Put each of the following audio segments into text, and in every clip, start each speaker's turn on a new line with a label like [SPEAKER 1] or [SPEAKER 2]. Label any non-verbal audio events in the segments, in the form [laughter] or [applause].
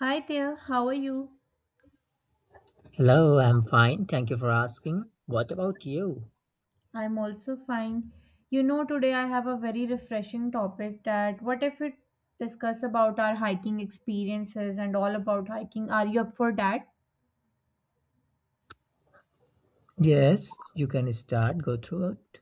[SPEAKER 1] Hi there, how are you?
[SPEAKER 2] Hello, I'm fine. Thank you for asking. What about you?
[SPEAKER 1] I'm also fine. You know, today I have a very refreshing topic that what if we discuss about our hiking experiences and all about hiking? Are you up for that?
[SPEAKER 2] Yes, you can start, go through it.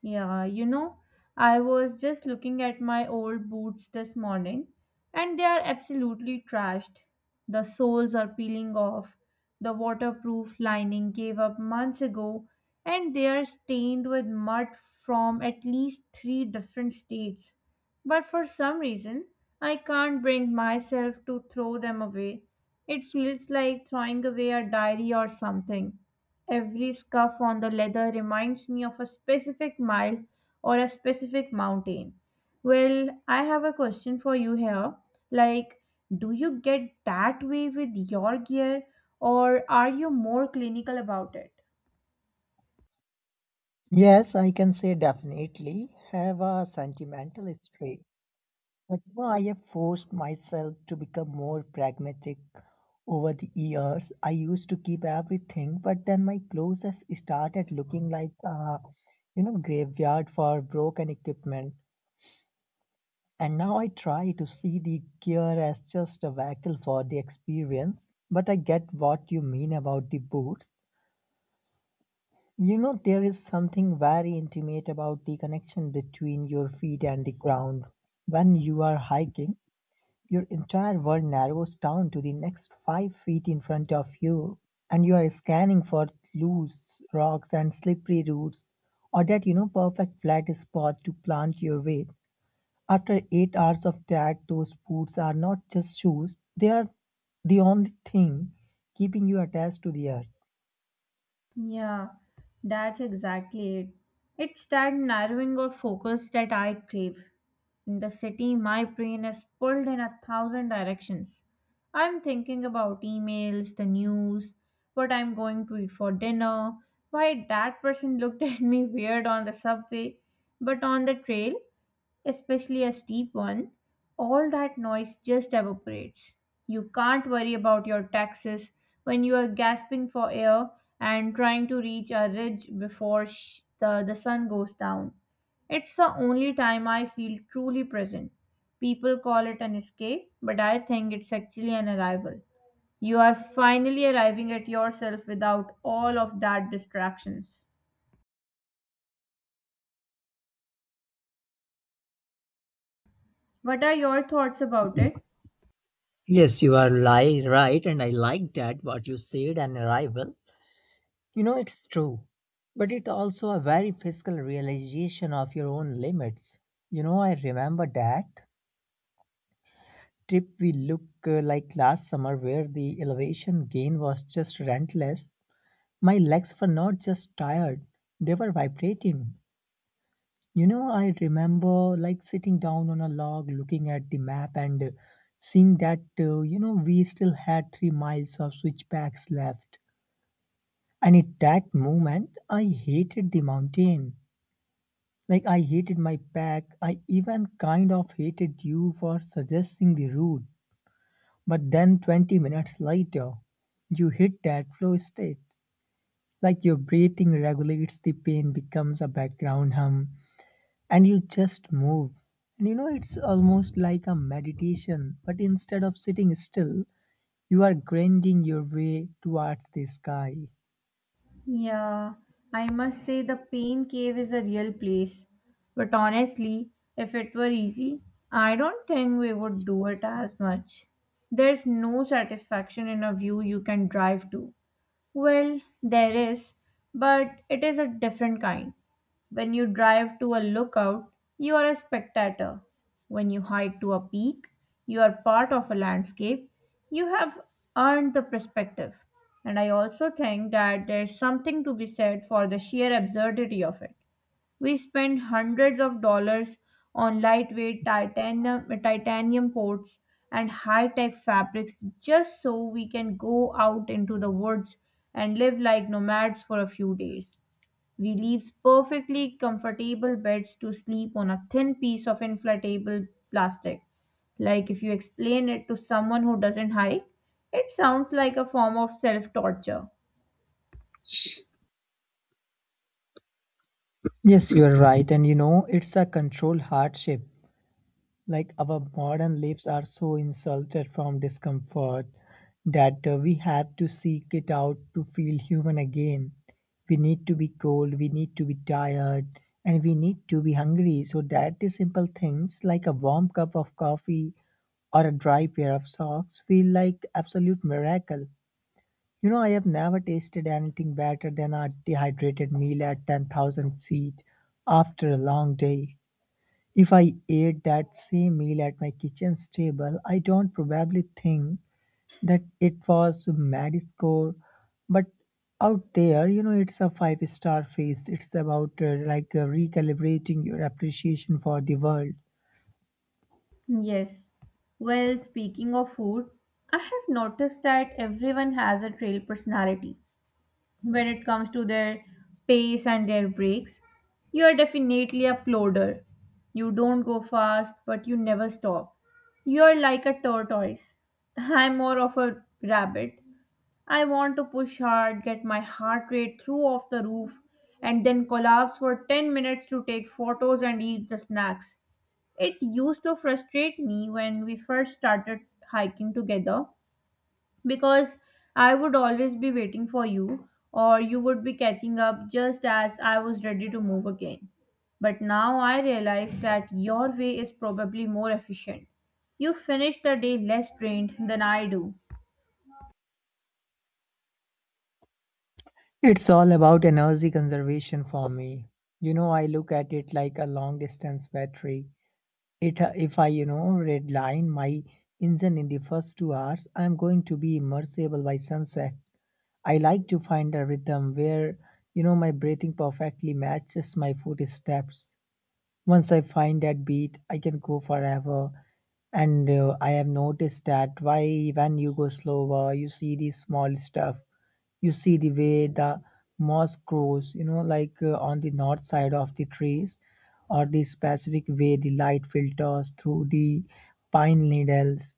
[SPEAKER 1] Yeah, you know, I was just looking at my old boots this morning and they are absolutely trashed. The soles are peeling off. The waterproof lining gave up months ago and they are stained with mud from at least three different states. But for some reason, I can't bring myself to throw them away. It feels like throwing away a diary or something. Every scuff on the leather reminds me of a specific mile or a specific mountain. Well, I have a question for you here. Like, do you get that way with your gear or are you more clinical about it?
[SPEAKER 2] Yes, I can say definitely have a sentimental streak. But I have forced myself to become more pragmatic over the years. I used to keep everything, but then my closest started looking like a, graveyard for broken equipment. And now I try to see the gear as just a vehicle for the experience, but I get what you mean about the boots. You know, there is something very intimate about the connection between your feet and the ground. When you are hiking, your entire world narrows down to the next 5 feet in front of you, and you are scanning for loose rocks and slippery roots, or that perfect flat spot to plant your weight. After 8 hours of tag, those boots are not just shoes, they are the only thing keeping you attached to the earth.
[SPEAKER 1] Yeah, that's exactly it. It's that narrowing of focus that I crave. In the city, my brain is pulled in a thousand directions. I'm thinking about emails, the news, what I'm going to eat for dinner, why that person looked [laughs] at me weird on the subway. But on the trail, especially a steep one, all that noise just evaporates. You can't worry about your taxes when you are gasping for air and trying to reach a ridge before the sun goes down. It's the only time I feel truly present. People call it an escape, but I think it's actually an arrival. You are finally arriving at yourself without all of that distractions. What are your thoughts about
[SPEAKER 2] Yes,
[SPEAKER 1] it?
[SPEAKER 2] yes, you are right, and I like that what you said and arrival. You know, it's true, but it also a very physical realization of your own limits. You know, I remember that trip we look like last summer where the elevation gain was just relentless. My legs were not just tired, they were vibrating. You know, I remember like sitting down on a log looking at the map and seeing that we still had 3 miles of switchbacks left. And at that moment, I hated the mountain. Like, I hated my pack. I even kind of hated you for suggesting the route. But then 20 minutes later, you hit that flow state. Like your breathing regulates the pain, becomes a background hum, and you just move. And you know, it's almost like a meditation, but instead of sitting still, you are grinding your way towards the sky.
[SPEAKER 1] Yeah, I must say the pain cave is a real place. But honestly, if it were easy, I don't think we would do it as much. There's no satisfaction in a view you can drive to. Well, there is, but it is a different kind. When you drive to a lookout, you are a spectator. When you hike to a peak, you are part of a landscape. You have earned the perspective. And I also think that there's something to be said for the sheer absurdity of it. We spend hundreds of dollars on lightweight titanium ports and high tech fabrics just so we can go out into the woods and live like nomads for a few days. We leave perfectly comfortable beds to sleep on a thin piece of inflatable plastic. Like if you explain it to someone who doesn't hike, it sounds like a form of self torture.
[SPEAKER 2] Yes, you are right. And you know, it's a controlled hardship. Like our modern lives are so insulted from discomfort that we have to seek it out to feel human again. We need to be cold, we need to be tired, and we need to be hungry so that the simple things like a warm cup of coffee or a dry pair of socks feel like absolute miracle. You know, I have never tasted anything better than a dehydrated meal at 10,000 feet after a long day. If I ate that same meal at my kitchen's table, I don't probably think that it was Maddie's score. But out there, you know, it's a five-star feast. It's about recalibrating your appreciation for the world.
[SPEAKER 1] Yes. Well, speaking of food, I have noticed that everyone has a trail personality when it comes to their pace and their breaks. You are definitely a ploder. You don't go fast, but you never stop. You are like a tortoise. [laughs] I'm more of a rabbit. I want to push hard, get my heart rate through off the roof, and then collapse for 10 minutes to take photos and eat the snacks. It used to frustrate me when we first started hiking together because I would always be waiting for you, or you would be catching up just as I was ready to move again. But now I realize that your way is probably more efficient. You finish the day less drained than I do.
[SPEAKER 2] It's all about energy conservation for me. You know, I look at it like a long distance battery. If I redline my engine in the first 2 hours, I'm going to be immersible by sunset. I like to find a rhythm where, you know, my breathing perfectly matches my footsteps. Once I find that beat, I can go forever. And I have noticed that why when you go slower, you see the small stuff. You see the way the moss grows, on the north side of the trees, or the specific way the light filters through the pine needles,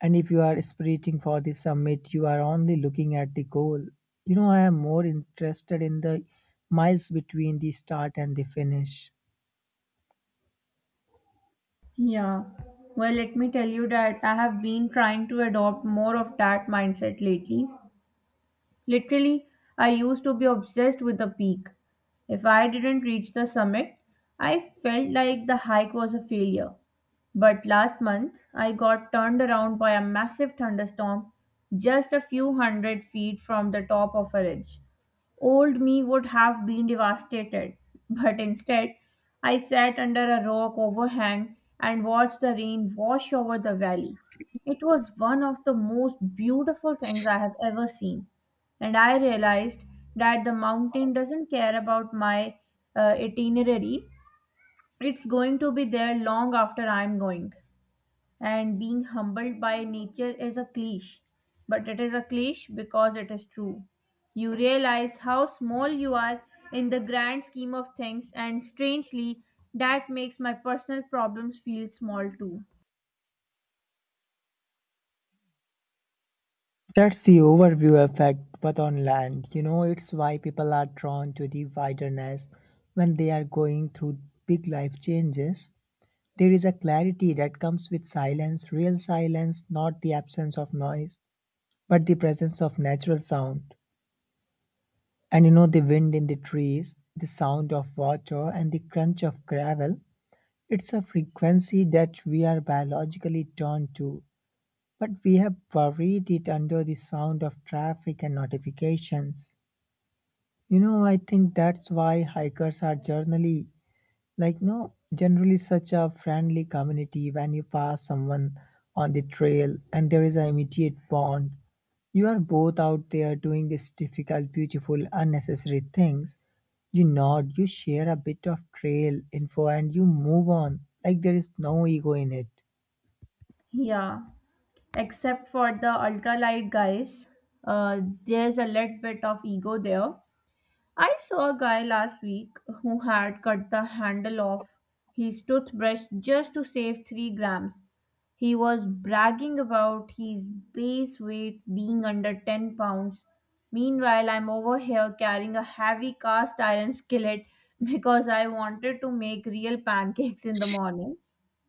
[SPEAKER 2] and if you are aspirating for the summit, you are only looking at the goal. You know, I am more interested in the miles between the start and the finish.
[SPEAKER 1] Yeah. Well, let me tell you that I have been trying to adopt more of that mindset lately. Literally, I used to be obsessed with the peak. If I didn't reach the summit, I felt like the hike was a failure. But last month, I got turned around by a massive thunderstorm just a few hundred feet from the top of a ridge. Old me would have been devastated, but instead, I sat under a rock overhang and watched the rain wash over the valley. It was one of the most beautiful things I have ever seen, and I realized that the mountain doesn't care about my itinerary. It's going to be there long after I'm going, and being humbled by nature is a cliche, but it is a cliche because it is true. You realize how small you are in the grand scheme of things, and strangely, that makes my personal problems feel small too.
[SPEAKER 2] That's the overview effect, but on land. You know, it's why people are drawn to the wilderness when they are going through big life changes. There is a clarity that comes with silence, real silence, not the absence of noise, but the presence of natural sound. And you know the wind in the trees, the sound of water, and the crunch of gravel. It's a frequency that we are biologically turned to, but we have buried it under the sound of traffic and notifications. You know, I think that's why hikers are generally, like no generally such a friendly community. When you pass someone on the trail, and there is an immediate bond, you are both out there doing these difficult beautiful unnecessary things. You nod, you share a bit of trail info, and you move on. Like, there is no ego in it.
[SPEAKER 1] Yeah, except for the ultralight guys. Uh, there's a little bit of ego there. I saw a guy last week who had cut the handle off his toothbrush just to save 3 grams. He was bragging about his base weight being under 10 pounds. Meanwhile, I'm over here carrying a heavy cast iron skillet [laughs] because I wanted to make real pancakes in the morning.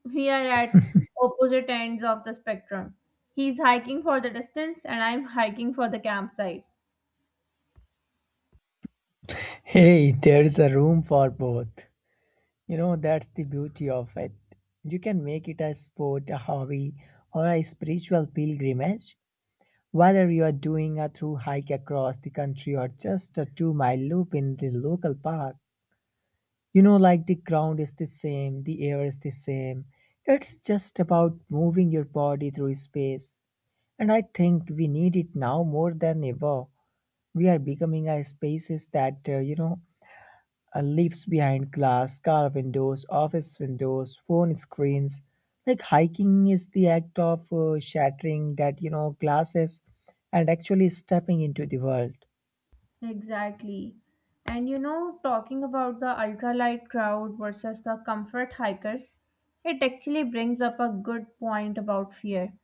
[SPEAKER 1] We are at opposite ends of the spectrum. He's hiking for the distance, and I'm hiking for the campsite.
[SPEAKER 2] Hey, there is a room for both. You know, that's the beauty of it. You can make it a sport, a hobby, or a spiritual pilgrimage. Whether you're doing a through hike across the country or just a 2 mile loop in the local park, you know, like the ground is the same, the air is the same. It's just about moving your body through space. And I think we need it now more than ever. We are becoming a species that, leaves behind glass, car windows, office windows, phone screens. Like, hiking is the act of shattering that, glasses, and actually stepping into the world.
[SPEAKER 1] Exactly. And you know, talking about the ultralight crowd versus the comfort hikers, it actually brings up a good point about fear.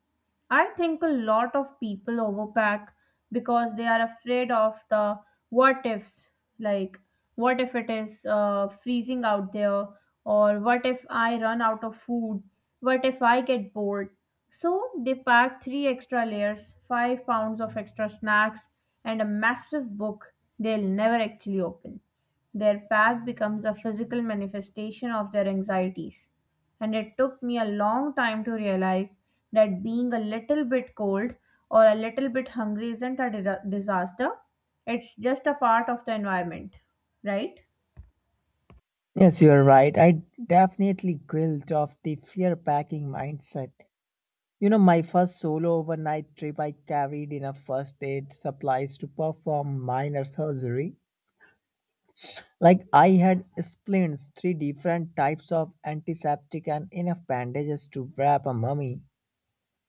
[SPEAKER 1] I think a lot of people overpack because they are afraid of the what ifs. Like, what if it is freezing out there? Or what if I run out of food? What if I get bored? So they packed three extra layers, 5 pounds of extra snacks, and a massive book they'll never actually open. Their pack becomes a physical manifestation of their anxieties. And it took me a long time to realize that being a little bit cold or a little bit hungry isn't a disaster, it's just a part of the environment, right?
[SPEAKER 2] Yes, you're right. I definitely guilt of the fear packing mindset. You know, my first solo overnight trip, I carried enough first aid supplies to perform minor surgery. Like, I had splints, three different types of antiseptic, and enough bandages to wrap a mummy.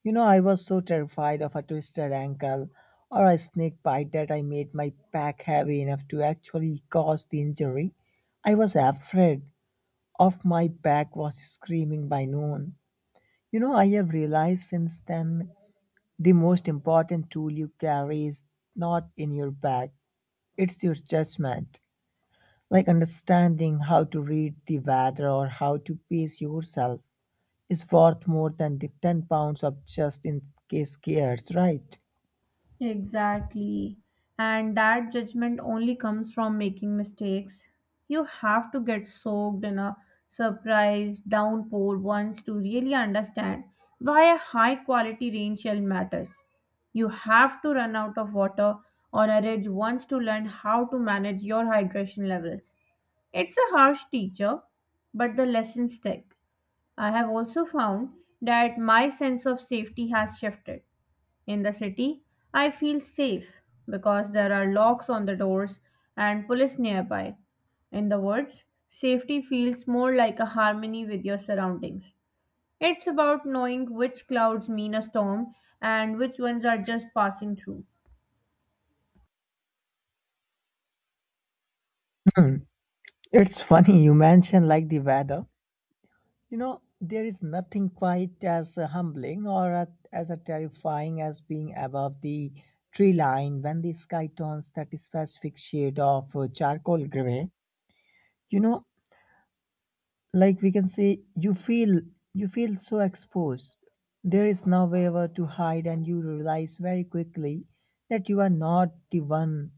[SPEAKER 2] You know, I was so terrified of a twisted ankle or a snake bite that I made my pack heavy enough to actually cause the injury. I was afraid of my back was screaming by noon. You know, I have realized since then the most important tool you carry is not in your bag, it's your judgment. Like, understanding how to read the weather or how to pace yourself is worth more than the 10 pounds of just in case cares, right?
[SPEAKER 1] Exactly. And that judgment only comes from making mistakes. You have to get soaked in a surprise downpour once to really understand why a high quality rain shell matters. You have to run out of water on a ridge once to learn how to manage your hydration levels. It's a harsh teacher, but the lessons stick. I have also found that my sense of safety has shifted. In the city, I feel safe because there are locks on the doors and police nearby. In the woods, safety feels more like a harmony with your surroundings. It's about knowing which clouds mean a storm and which ones are just passing through.
[SPEAKER 2] It's funny you mention like the weather. You know, there is nothing quite as humbling or as a terrifying as being above the tree line when the sky turns that specific shade of charcoal gray. You know, like we can say you feel so exposed. There is no way ever to hide, and you realize very quickly that you are not the one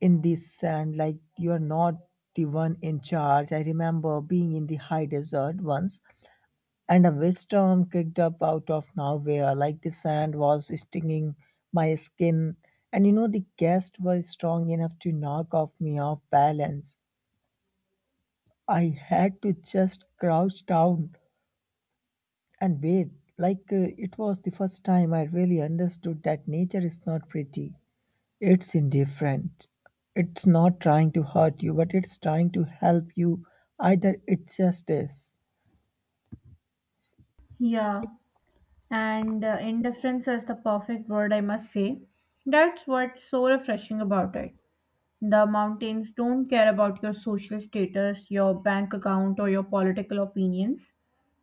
[SPEAKER 2] in this, and like, you are not the one in charge. I remember being in the high desert once, and a wind storm kicked up out of nowhere. Like, the sand was stinging my skin, and you know, the guests were strong enough to knock off me off balance. I had to just crouch down and wait. Like, it was the first time I really understood that nature is not pretty. It's indifferent. It's not trying to hurt you, but it's trying to help you. Either it just is.
[SPEAKER 1] Yeah, and indifference is the perfect word, I must say. That's what's so refreshing about it. The mountains don't care about your social status, your bank account, or your political opinions.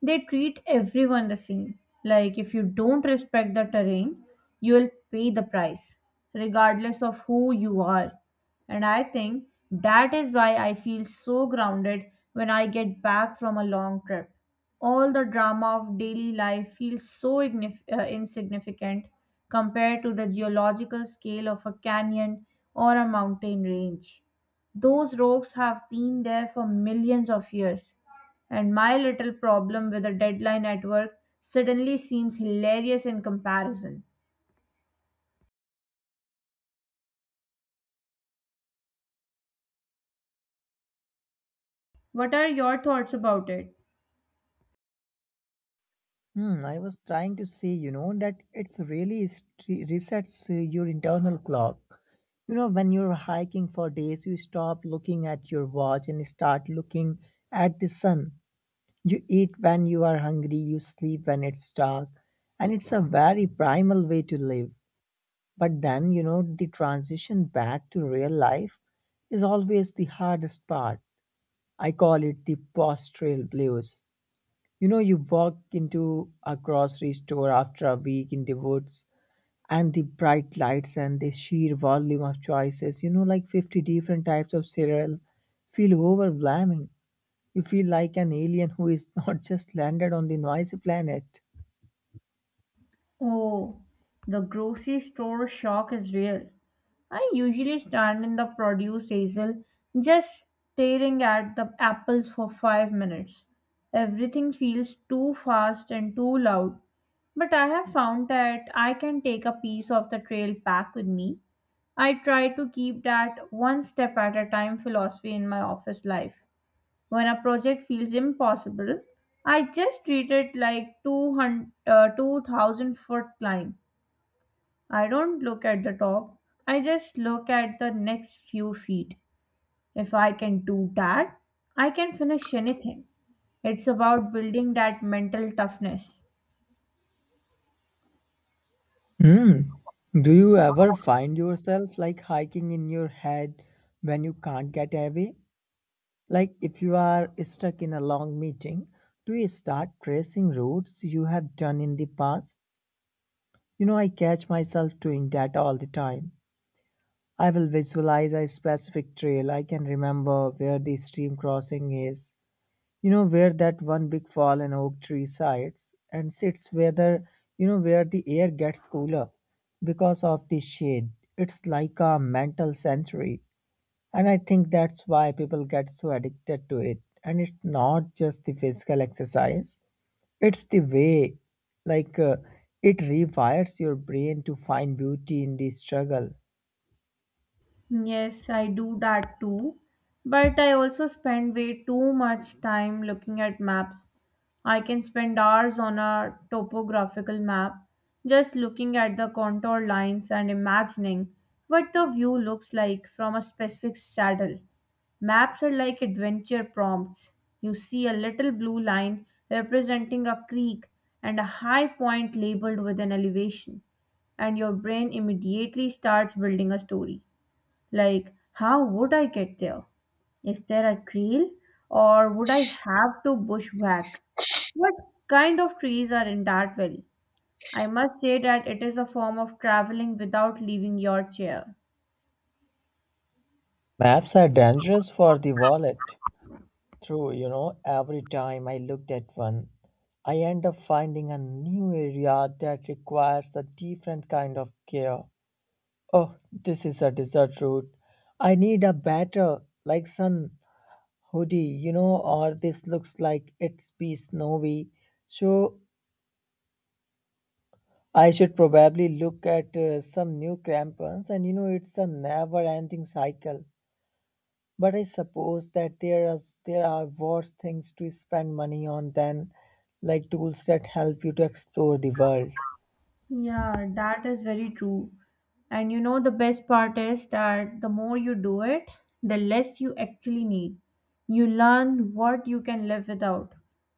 [SPEAKER 1] They treat everyone the same. Like, if you don't respect the terrain, you will pay the price, regardless of who you are. And I think that is why I feel so grounded when I get back from a long trip. All the drama of daily life feels so insignificant compared to the geological scale of a canyon or a mountain range. Those rocks have been there for millions of years, and my little problem with a deadline at work suddenly seems hilarious in comparison. What are your thoughts about it?
[SPEAKER 2] Hmm, I was trying to say, you know, that it's really resets your internal clock. You know, when you're hiking for days, you stop looking at your watch and start looking at the sun. You eat when you are hungry, you sleep when it's dark, and it's a very primal way to live. But then, you know, the transition back to real life is always the hardest part. I call it the post trail blues. You know, you walk into a grocery store after a week in the woods, and the bright lights and the sheer volume of choices, you know, like 50 different types of cereal, feel overwhelming. You feel like an alien who is not [laughs] just landed on the noisy planet.
[SPEAKER 1] Oh, the grocery store shock is real. I usually stand in the produce aisle just staring at the apples for five minutes. Everything feels too fast and too loud, but I have found that I can take a piece of the trail back with me. I try to keep that one step at a time philosophy in my office life. When a project feels impossible, I just treat it like 2000-foot climb. I don't look at the top, I just look at the next few feet. If I can do that, I can finish anything. It's about building that mental toughness.
[SPEAKER 2] Hmm. Do you ever find yourself like hiking in your head when you can't get away? Like, if you are stuck in a long meeting, do you start tracing routes you have done in the past? You know, I catch myself doing that all the time. I will visualize a specific trail. I can remember where the stream crossing is, you know, where that one big fallen oak tree sides and sits, whether, you know, where the air gets cooler because of the shade. It's like a mental sanctuary, and I think that's why people get so addicted to it. And it's not just the physical exercise, it's the way, like uh, it rewires your brain to find beauty in the struggle.
[SPEAKER 1] Yes, I do that too. But I also spend way too much time looking at maps. I can spend hours on a topographical map just looking at the contour lines and imagining what the view looks like from a specific saddle. Maps are like adventure prompts. You see a little blue line representing a creek and a high point labeled with an elevation, and your brain immediately starts building a story. Like, how would I get there? Is there a trail? Or would I have to bushwhack? What kind of trees are in that valley? I must say that it is a form of traveling without leaving your chair.
[SPEAKER 2] Maps are dangerous for the wallet. True, you know, every time I looked at one, I end up finding a new area that requires a different kind of care. Oh, this is a desert route. I need a better, like sun hoodie, you know, or this looks like it's be snowy. So I should probably look at some new crampons, and you know, it's a never ending cycle. But I suppose that there are worse things to spend money on than like tools that help you to explore the world.
[SPEAKER 1] Yeah, that is very true. And you know, the best part is that the more you do it, the less you actually need. You learn what you can live without.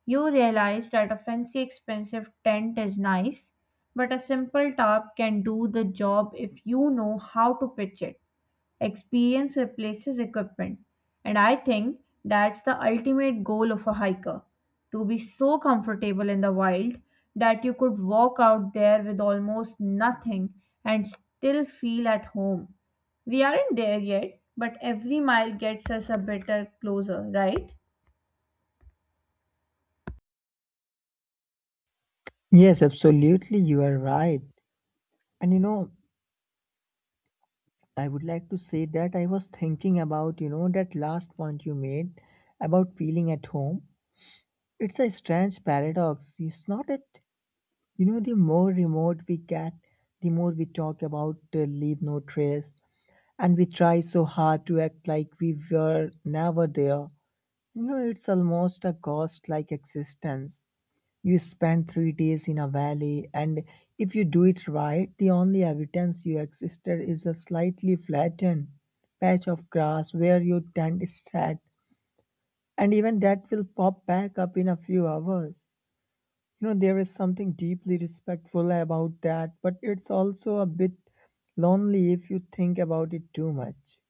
[SPEAKER 1] You realize that a fancy, expensive tent is nice, but a simple tarp can do the job if you know how to pitch it. Experience replaces equipment, and I think that's the ultimate goal of a hiker to be so comfortable in the wild that you could walk out there with almost nothing and still feel at home. We aren't there yet, but every mile gets us a bit closer, right?
[SPEAKER 2] Yes, absolutely, you are right. And you know, I would like to say that I was thinking about, you know, that last point you made about feeling at home. It's a strange paradox. It's not it. You know, the more remote we get, the more we talk about leave no trace, and we try so hard to act like we were never there. You know, it's almost a ghost like existence. You spend 3 days in a valley, and if you do it right, the only evidence you existed is a slightly flattened patch of grass where your tent is set, and even that will pop back up in a few hours. You know, there is something deeply respectful about that, but it's also a bit lonely if you think about it too much.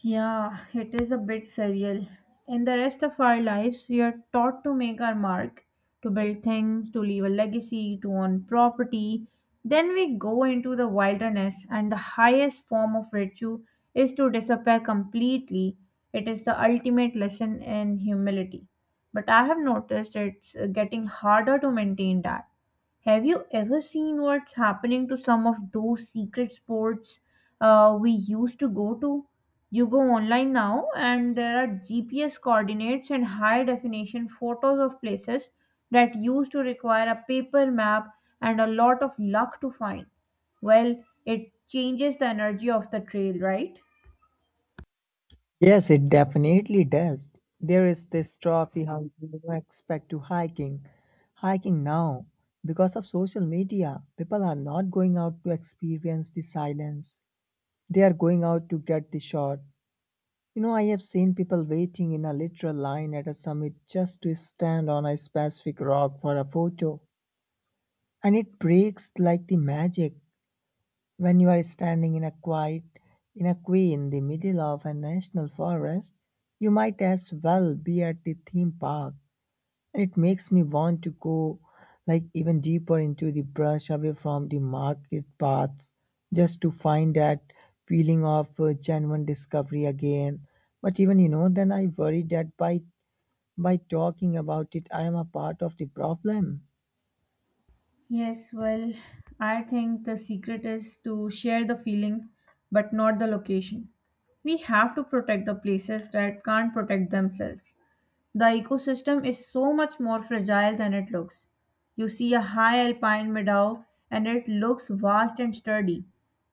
[SPEAKER 1] Yeah, it is a bit surreal. In the rest of our lives, we are taught to make our mark, to build things, to leave a legacy, to own property. Then we go into the wilderness, and the highest form of virtue is to disappear completely. It is the ultimate lesson in humility. But I have noticed it's getting harder to maintain that. Have you ever seen what's happening to some of those secret sports we used to go to? You go online now, and there are GPS coordinates and high definition photos of places that used to require a paper map and a lot of luck to find. Well, it changes the energy of the trail, right?
[SPEAKER 2] Yes, it definitely does. There is this trophy hunt you expect to hiking. Hiking now, because of social media, people are not going out to experience the silence. They are going out to get the shot. You know, I have seen people waiting in a literal line at a summit just to stand on a specific rock for a photo. And it breaks like the magic. When you are standing in a quiet in the middle of a national forest, you might as well be at the theme park. And it makes me want to go like even deeper into the brush away from the market paths just to find that feeling of genuine discovery again. But even you know, then I worry that by talking about it, I am a part of the problem.
[SPEAKER 1] Yes, well, I think the secret is to share the feeling but not the location. We have to protect the places that can't protect themselves. The ecosystem is so much more fragile than it looks. You see a high alpine meadow and it looks vast and sturdy,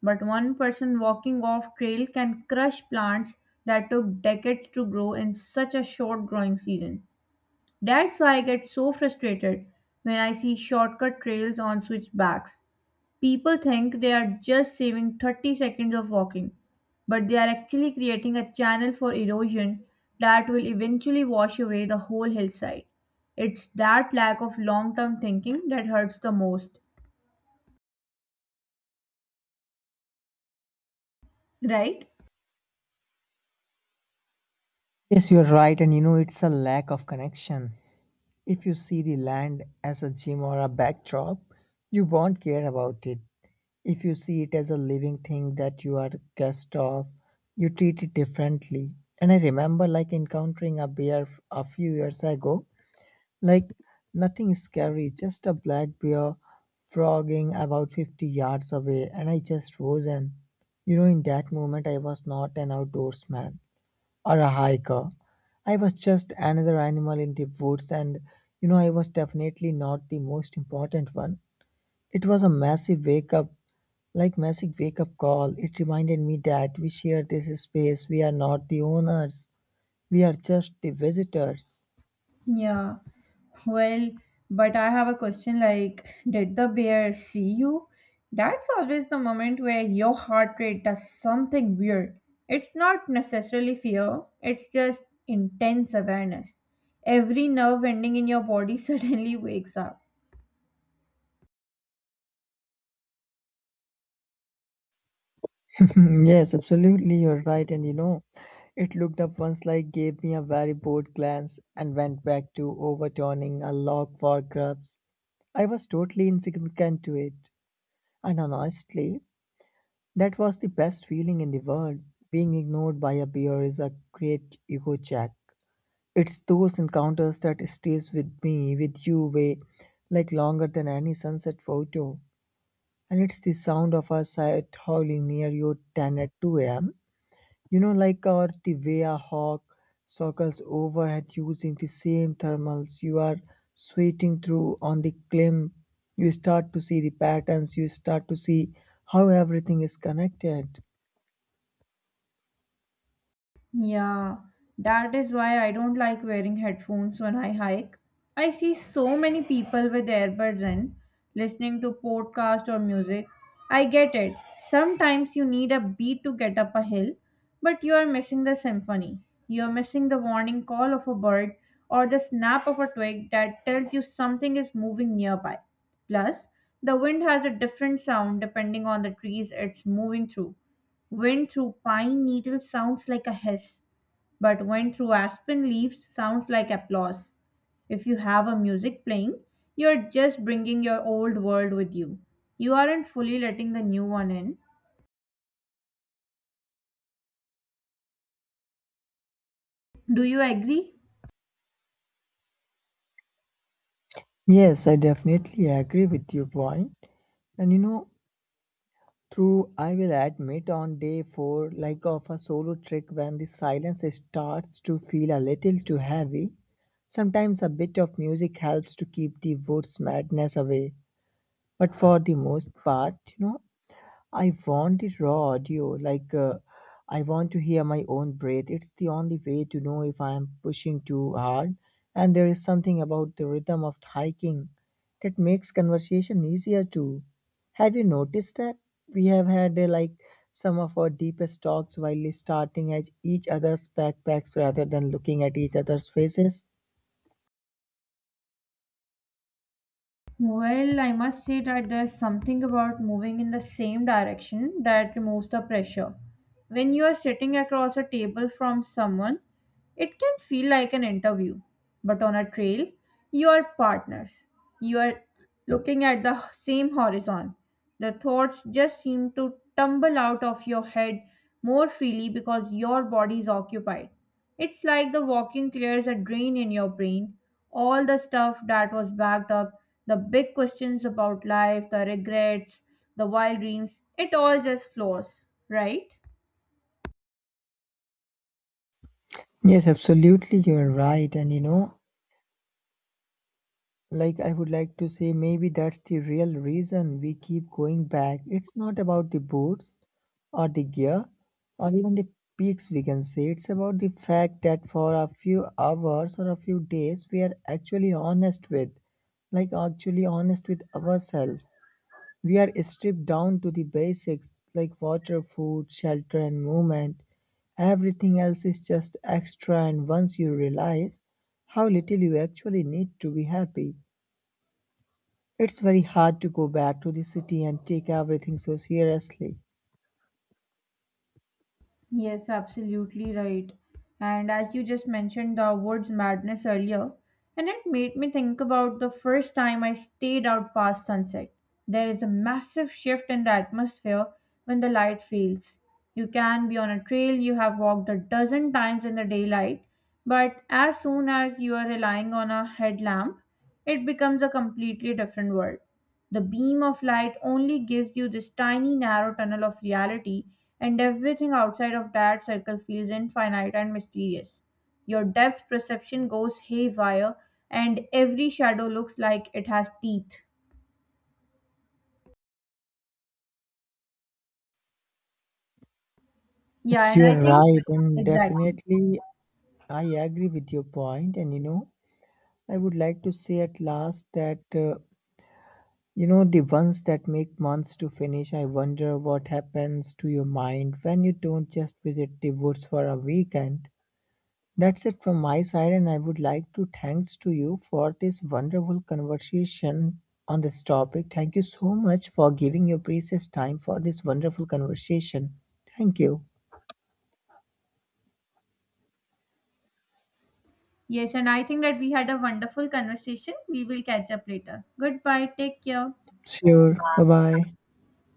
[SPEAKER 1] but one person walking off trail can crush plants that took decades to grow in such a short growing season. That's why I get so frustrated when I see shortcut trails on switchbacks. People think they are just saving 30 seconds of walking, but they are actually creating a channel for erosion that will eventually wash away the whole hillside. It's that lack of long term thinking that hurts the most, right?
[SPEAKER 2] Yes, you're right, and you know, it's a lack of connection. If you see the land as a gym or a backdrop, you won't care about it. If you see it as a living thing that you are guest of, you treat it differently. And I remember like encountering a a few years ago, like nothing scary, just a black bear frogging about 50 yards away, and I just froze. And you know, in that moment, I was not an outdoorsman or a hiker. I was just another animal in the woods, and you know, I was definitely not the most important one. It was a massive wake up, like massive wake up call. It reminded me that we share this space. We are not the owners. We are just the visitors.
[SPEAKER 1] Yeah. Well, but I have a question like, did the bear see you? That's always the moment where your heart rate does something weird. It's not necessarily fear, it's just intense awareness. Every nerve ending in your body [laughs] suddenly wakes up.
[SPEAKER 2] [laughs] Yes, absolutely, you're right. And you know, it looked up once, like, gave me a very bored glance and went back to overturning a log for grubs. I was totally insignificant to it. And honestly, that was the best feeling in the world. Being ignored by a bear is a great ego check. It's those encounters that stays with me, with you way like longer than any sunset photo. And it's the sound of a sight howling near your tent at 2 a.m. You know, like, or the way a hawk circles overhead using the same thermals you are sweating through on the climb. You start to see the patterns, you start to see how everything is connected.
[SPEAKER 1] Yeah, that is why I don't like wearing headphones when I hike. I see so many people with earbuds in, listening to podcast or music. I get it. Sometimes you need a beat to get up a hill, but you are missing the symphony. You are missing the warning call of a bird or the snap of a twig that tells you something is moving nearby. Plus, the wind has a different sound depending on the trees it's moving through. Wind through pine needles sounds like a hiss, but wind through aspen leaves sounds like applause. If you have a music playing, you're just bringing your old world with you. You aren't fully letting the new one in. Do you agree?
[SPEAKER 2] Yes, I definitely agree with your point. And you know, through I will admit on day 4, like of a solo trek, when the silence starts to feel a little too heavy, sometimes a bit of music helps to keep the woods madness away. But for the most part, you know, I want it raw audio, like I want to hear my own breath. It's the only way to know if I am pushing too hard. And there is something about the rhythm of hiking that makes conversation easier too. Have you noticed that we have had like some of our deepest talks while starting at each other's backpacks rather than looking at each other's faces?
[SPEAKER 1] Well, I must say that there's something about moving in the same direction that removes the pressure. When you are sitting across a table from someone, it can feel like an interview. But on a trail, you are partners. You are looking at the same horizon. The thoughts just seem to tumble out of your head more freely because your body is occupied. It's like the walking clears a drain in your brain. All the stuff that was backed up, the big questions about life, the regrets, the wild dreams, it all just flows, right?
[SPEAKER 2] Yes, absolutely, you're right. And you know, like, I would like to say, maybe that's the real reason we keep going back. It's not about the boots or the gear or even the peaks, we can say. It's about the fact that for a few hours or a few days, we are actually honest with, like, actually honest with ourselves. We are stripped down to the basics like water, food, shelter, and movement. Everything else is just extra, and once you realize how little you actually need to be happy, it's very hard to go back to the city and take everything so seriously.
[SPEAKER 1] Yes, absolutely right. And as you just mentioned the words madness earlier, and it made me think about the first time I stayed out past sunset. There is a massive shift in the atmosphere when the light fails. You can be on a trail you have walked a dozen times in the daylight, but as soon as you are relying on a headlamp, it becomes a completely different world. The beam of light only gives you this tiny narrow tunnel of reality, and everything outside of that circle feels infinite and mysterious. Your depth perception goes haywire, and every shadow looks like it has teeth. Yeah,
[SPEAKER 2] Yes,
[SPEAKER 1] and I
[SPEAKER 2] you're
[SPEAKER 1] think
[SPEAKER 2] right, and
[SPEAKER 1] exactly.
[SPEAKER 2] definitely I agree with your point. And you know, I would like to say at last that you know the ones that make months to finish. I wonder what happens to your mind when you don't just visit the woods for a weekend. That's it from my side, and I would like to thanks to you for this wonderful conversation on this topic. Thank you so much for giving your precious time for this wonderful conversation. Thank you.
[SPEAKER 1] Yes, and I think that we had a wonderful conversation. We will catch up later. Goodbye. Take care.
[SPEAKER 2] Sure. Bye bye.